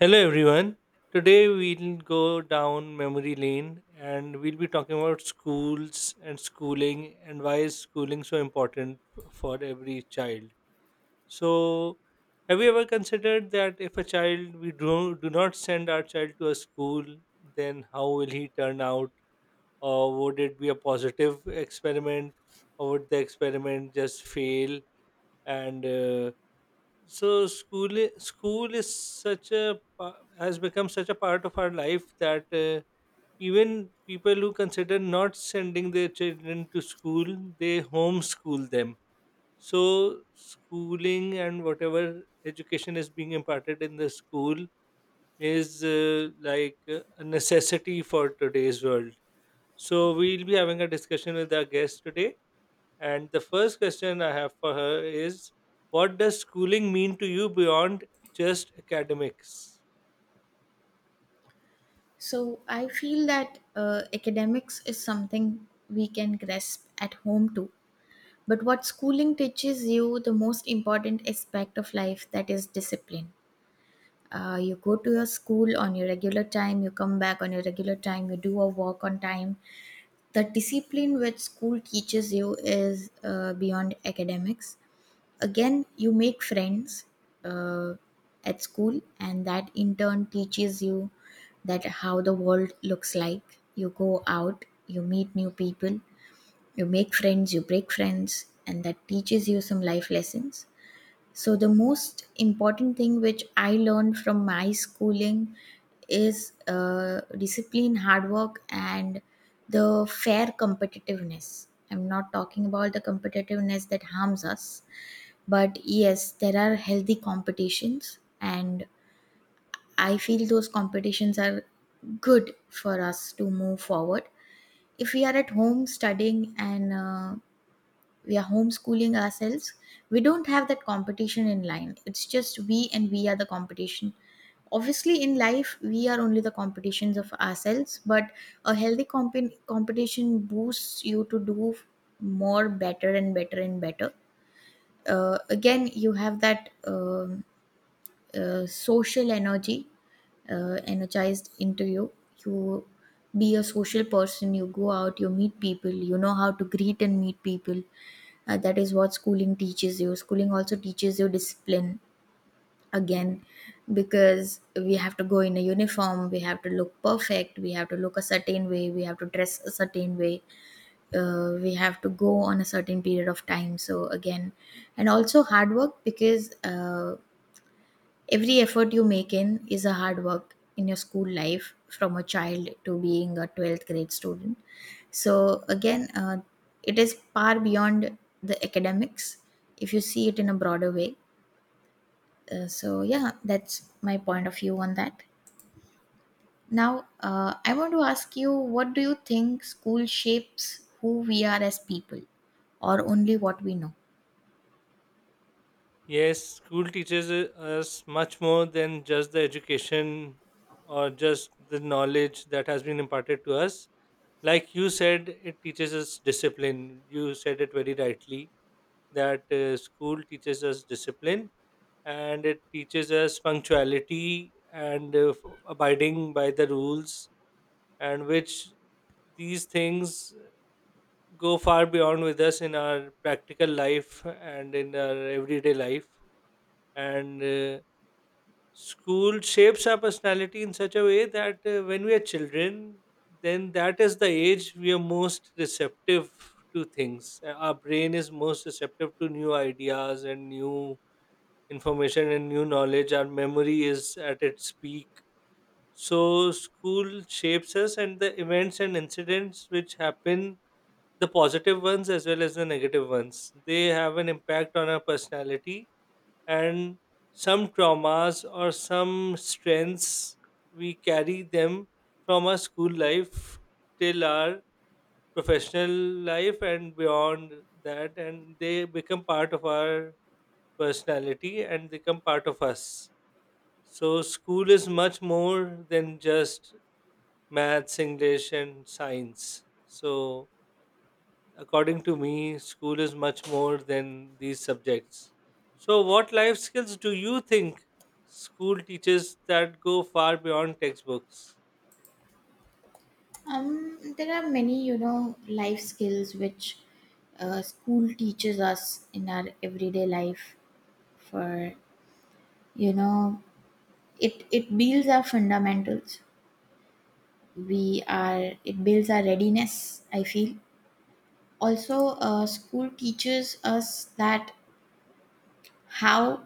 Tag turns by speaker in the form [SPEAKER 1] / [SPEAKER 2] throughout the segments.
[SPEAKER 1] Hello, everyone. Today we'll go down memory lane and we'll be talking about schools and schooling and why is schooling so important for every child. So, have you ever considered that if a child we do not send our child to a school, then how will he turn out? Or would it be a positive experiment, or would the experiment just fail? And so school is such a pa- has become such a part of our life that even people who consider not sending their children to school they homeschool them, so schooling and whatever education is being imparted in the school is like a necessity for today's world. So we'll be having a discussion with our guest today, and the first question I have for her is, what does schooling mean to you beyond just academics?
[SPEAKER 2] So I feel that academics is something we can grasp at home too. But what schooling teaches you, the most important aspect of life, that is discipline. You go to your school on your regular time, you come back on your regular time, you do your work on time. The discipline which school teaches you is beyond academics. Again, you make friends uh, at school, and that in turn teaches you that how the world looks like. You go out, you meet new people, you make friends, you break friends, and that teaches you some life lessons. So the most important thing which I learned from my schooling is discipline, hard work, and the fair competitiveness. I'm not talking about the competitiveness that harms us, but yes, there are healthy competitions, and I feel those competitions are good for us to move forward. If we are at home studying and we are homeschooling ourselves, we don't have that competition in line. It's just we, and we are the competition. Obviously, in life we are only the competitions of ourselves, but a healthy competition boosts you to do more, better and better and better. Again, you have that social energy energized into you. You be a social person, you go out, you meet people, you know how to greet and meet people. That is what schooling teaches you. Schooling also teaches you discipline again, because we have to go in a uniform, we have to look perfect, we have to look a certain way, we have to dress a certain way, we have to go on a certain period of time. So, again, and also hard work, because every effort you make in is a hard work in your school life from a child to being a 12th grade student. So, again, it is far beyond the academics if you see it in a broader way. So, yeah, that's my point of view on that. Now, I want to ask you, what do you think, school shapes who we are as people or only what we know?
[SPEAKER 1] Yes, school teaches us much more than just the education or just the knowledge that has been imparted to us. Like you said, it teaches us discipline. You said it very rightly that school teaches us discipline, and it teaches us punctuality and abiding by the rules, and which these things go far beyond with us in our practical life and in our everyday life. And school shapes our personality in such a way that when we are children, then that is the age we are most receptive to things. Our brain is most receptive to new ideas and new information and new knowledge. Our memory is at its peak. So school shapes us, and the events and incidents which happen, the positive ones as well as the negative ones, they have an impact on our personality. And some traumas or some strengths, we carry them from our school life till our professional life and beyond that, and they become part of our personality and they become part of us. So, school is much more than just maths, English, and science. So, according to me, school is much more than these subjects. So, what life skills do you think school teaches that go far beyond textbooks?
[SPEAKER 2] There are many, you know, life skills which school teaches us in our everyday life. For you know, it builds our fundamentals. We are It builds our readiness. I feel also school teaches us that how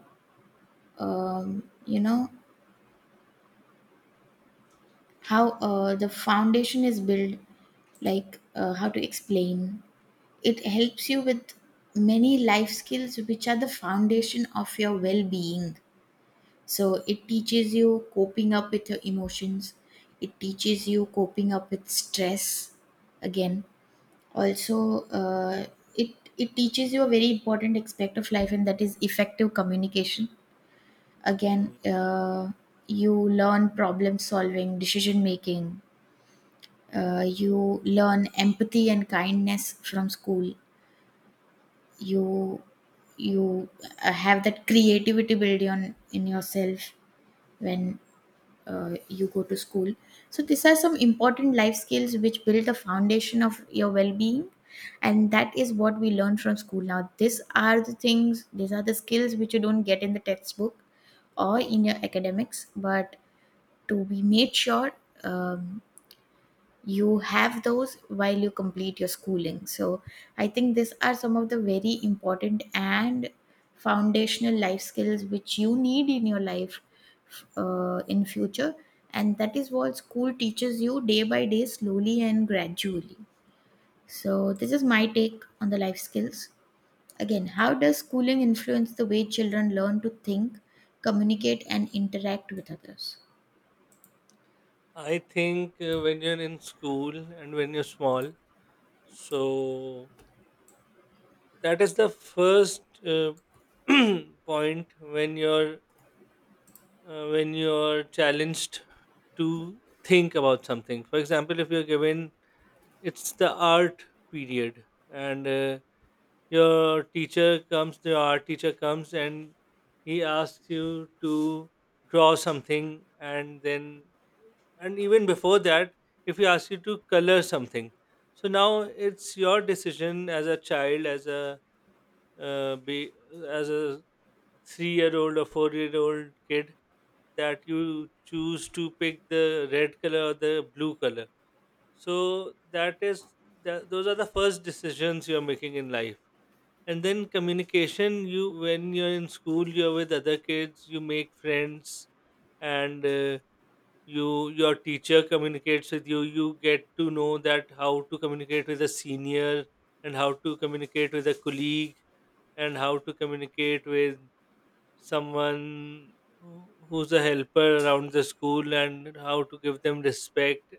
[SPEAKER 2] you know how the foundation is built, like how to explain, it helps you with many life skills which are the foundation of your well being. So, it teaches you coping up with your emotions, it teaches you coping up with stress again. Also, it, it teaches you a very important aspect of life, and that is effective communication. Again,
[SPEAKER 1] Hmm.
[SPEAKER 2] you learn problem solving, decision making, you learn empathy and kindness from school. You you uh, have that creativity building on in yourself when you go to school. So these are some important life skills which build the foundation of your well-being, and that is what we learn from school. Now, these are the things, these are the skills which you don't get in the textbook or in your academics, but to be made sure, um, you have those while you complete your schooling. So I think these are some of the very important and foundational life skills which you need in your life in future, and that is what school teaches you day by day, slowly and gradually. So this is my take on the life skills. Again, how does schooling influence the way children learn to think, communicate, and interact with others?
[SPEAKER 1] I think when you're in school and when you're small, so that is the first point when you're challenged to think about something. For example, if you're given, it's the art period and your teacher comes, the art teacher comes, and he asks you to draw something, and then, and even before that, if he asks you to color something. So now it's your decision as a child, uh, be as a 3-year-old or 4-year-old kid, that you choose to pick the red color or the blue color. So those are the first decisions you're making in life. And then communication, you, when you're in school, you're with other kids, you make friends, and you your teacher communicates with you, you get to know that how to communicate with a senior, and how to communicate with a colleague, and how to communicate with someone who's a helper around the school, and how to give them respect.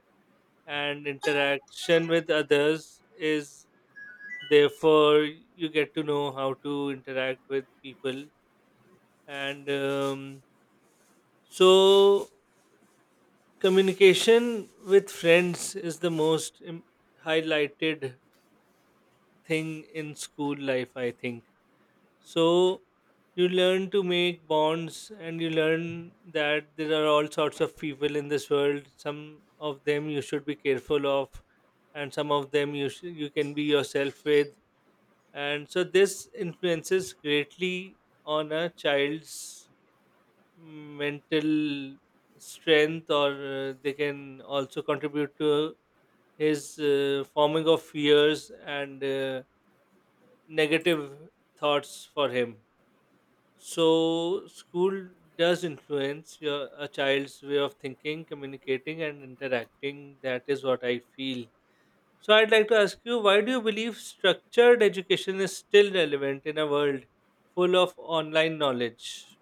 [SPEAKER 1] And interaction with others is, therefore, you get to know how to interact with people. And so communication with friends is the most highlighted thing in school life, I think. So you learn to make bonds, and you learn that there are all sorts of people in this world, some of them you should be careful of, and some of them you can be yourself with. And so this influences greatly on a child's mental strength, or they can also contribute to his forming of fears and negative thoughts for him. So school does influence your a child's way of thinking, communicating, and interacting. That is what I feel. So I'd like to ask you, why do you believe structured education is still relevant in a world full of online knowledge?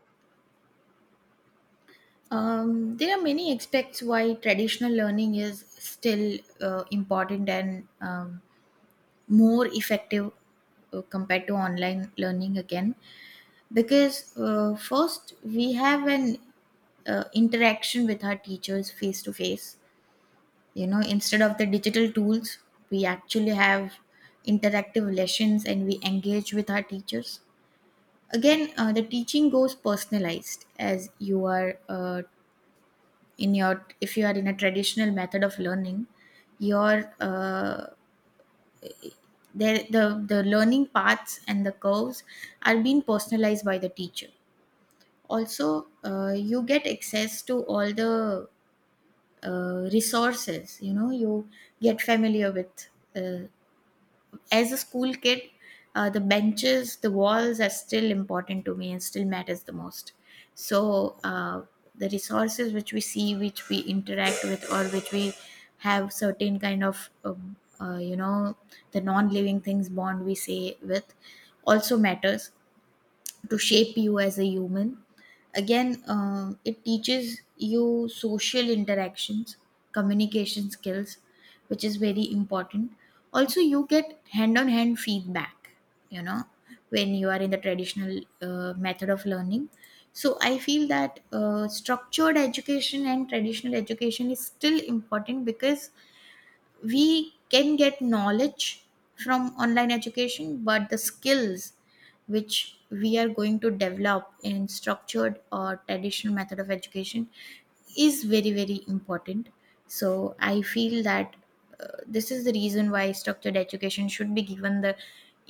[SPEAKER 2] There are many aspects why traditional learning is still important and more effective compared to online learning. Again, because first we have an interaction with our teachers face to face, instead of the digital tools. We actually have interactive lessons and we engage with our teachers. Again, the teaching goes personalized, as you are in your if you are in a traditional method of learning, your there the learning paths and the curves are being personalized by the teacher. Also, you get access to all the resources, you know, you get familiar with, uh, as a school kid, the benches, the walls are still important to me and still matters the most. So, the resources which we see, which we interact with, or which we have certain kind of, the non-living things bond we say with, also matters to shape you as a human. Again, it teaches you social interactions, communication skills, which is very important. Also, you get hand on hand feedback, you know, when you are in the traditional method of learning. So, I feel that structured education and traditional education is still important because we can get knowledge from online education, but the skills which we are going to develop in structured or traditional method of education is very very important. So I feel that this is the reason why structured education should be given the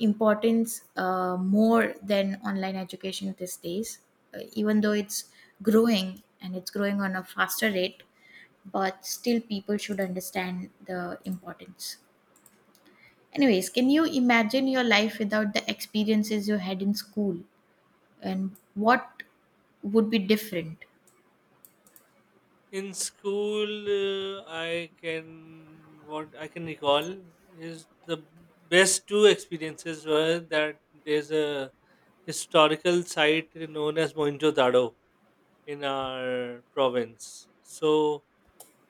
[SPEAKER 2] importance, more than online education these days, even though it's growing and it's growing on a faster rate, but still people should understand the importance. Anyways, can you imagine your life without the experiences you had in school, and what would be different?
[SPEAKER 1] In school, I can what I can recall is, the best two experiences were that there's a historical site known as Mohenjo-daro in our province. So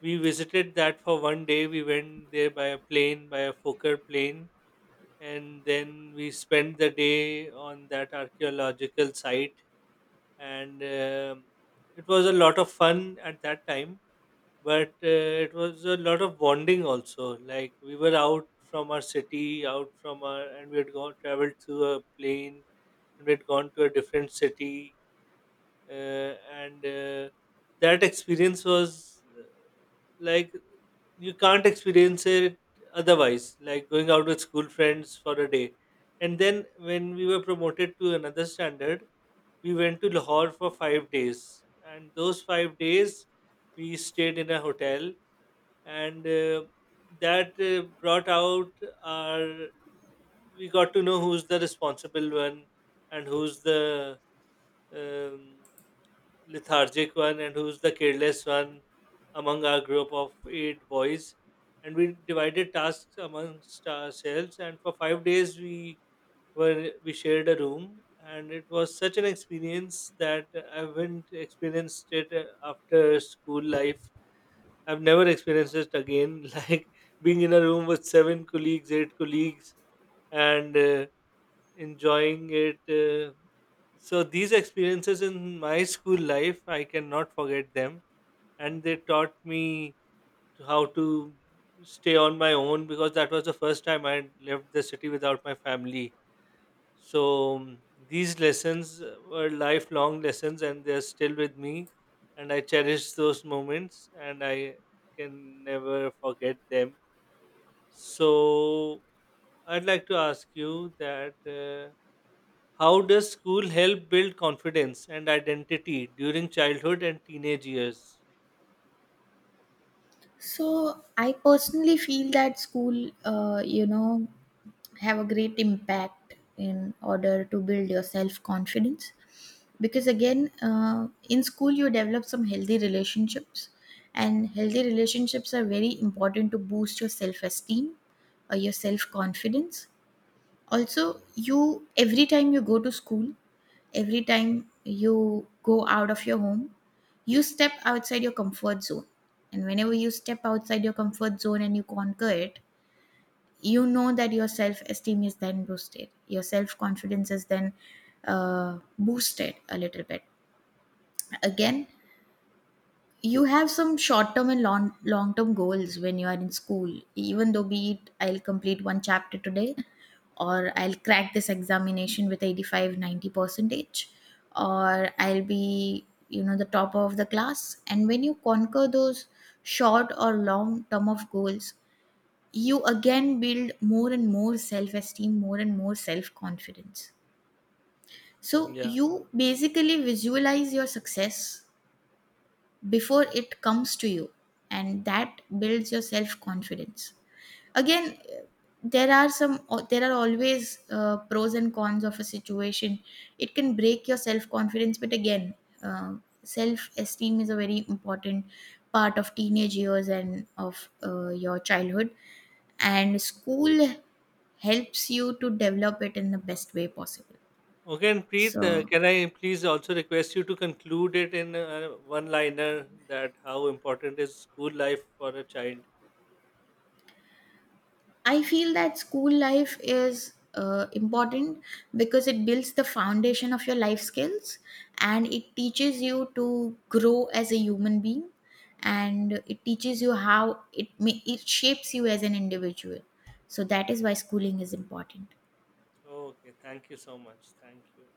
[SPEAKER 1] we visited that for one day. We went there by a plane, by a Fokker plane, and then we spent the day on that archaeological site. And it was a lot of fun at that time, but it was a lot of bonding also. Like, we were out from our city, out from our and we had gone traveled through a plane, and we had gone to a different city. And that experience was like, you can't experience it otherwise, like going out with school friends for a day. And then when we were promoted to another standard, we went to Lahore for 5 days, and those 5 days we stayed in a hotel. And that brought out our we got to know who's the responsible one, and who's the um, lethargic one, and who's the careless one among our group of eight boys. And we divided tasks amongst ourselves. And for 5 days, we shared a room, and it was such an experience that I haven't experienced it after school life. I've never experienced it again. Like being in a room with seven colleagues, eight colleagues, and enjoying it. So these experiences in my school life, I cannot forget them, and they taught me to how to stay on my own, because that was the first time I left the city without my family. So these lessons were lifelong lessons, and they're still with me, and I cherish those moments, and I can never forget them. So I'd like to ask you that. How does school help build confidence and identity during childhood and teenage years?
[SPEAKER 2] So I personally feel that school, have a great impact in order to build your self confidence, because again in school you develop some healthy relationships, and healthy relationships are very important to boost your self esteem or your self confidence. Also, you every time you go to school, every time you go out of your home, you step outside your comfort zone, and whenever you step outside your comfort zone and you conquer it, you know that your self esteem is then boosted, your self confidence is then boosted a little bit. Again, you have some short term and long long term goals when you are in school, even though be it, I'll complete one chapter today, or I'll crack this examination with 85, 90 percentage, or I'll be the top of the class. And when you conquer those short or long term of goals, you again build more and more self esteem, more and more self confidence. So
[SPEAKER 1] Yeah.
[SPEAKER 2] you basically visualize your success before it comes to you, and that builds your self confidence. Again, there are some there are always pros and cons of a situation. It can break your self confidence, but again, uh, self esteem is a very important part of teenage years and of your childhood, and school helps you to develop it in the best way possible.
[SPEAKER 1] Okay, and Preet,
[SPEAKER 2] So
[SPEAKER 1] can I please also request you to conclude it in one liner that how important is school life for a child?
[SPEAKER 2] I feel that school life is important because it builds the foundation of your life skills, and it teaches you to grow as a human being, and it teaches you how it shapes you as an individual. So that is why schooling is important.
[SPEAKER 1] Okay, thank you so much. Thank you.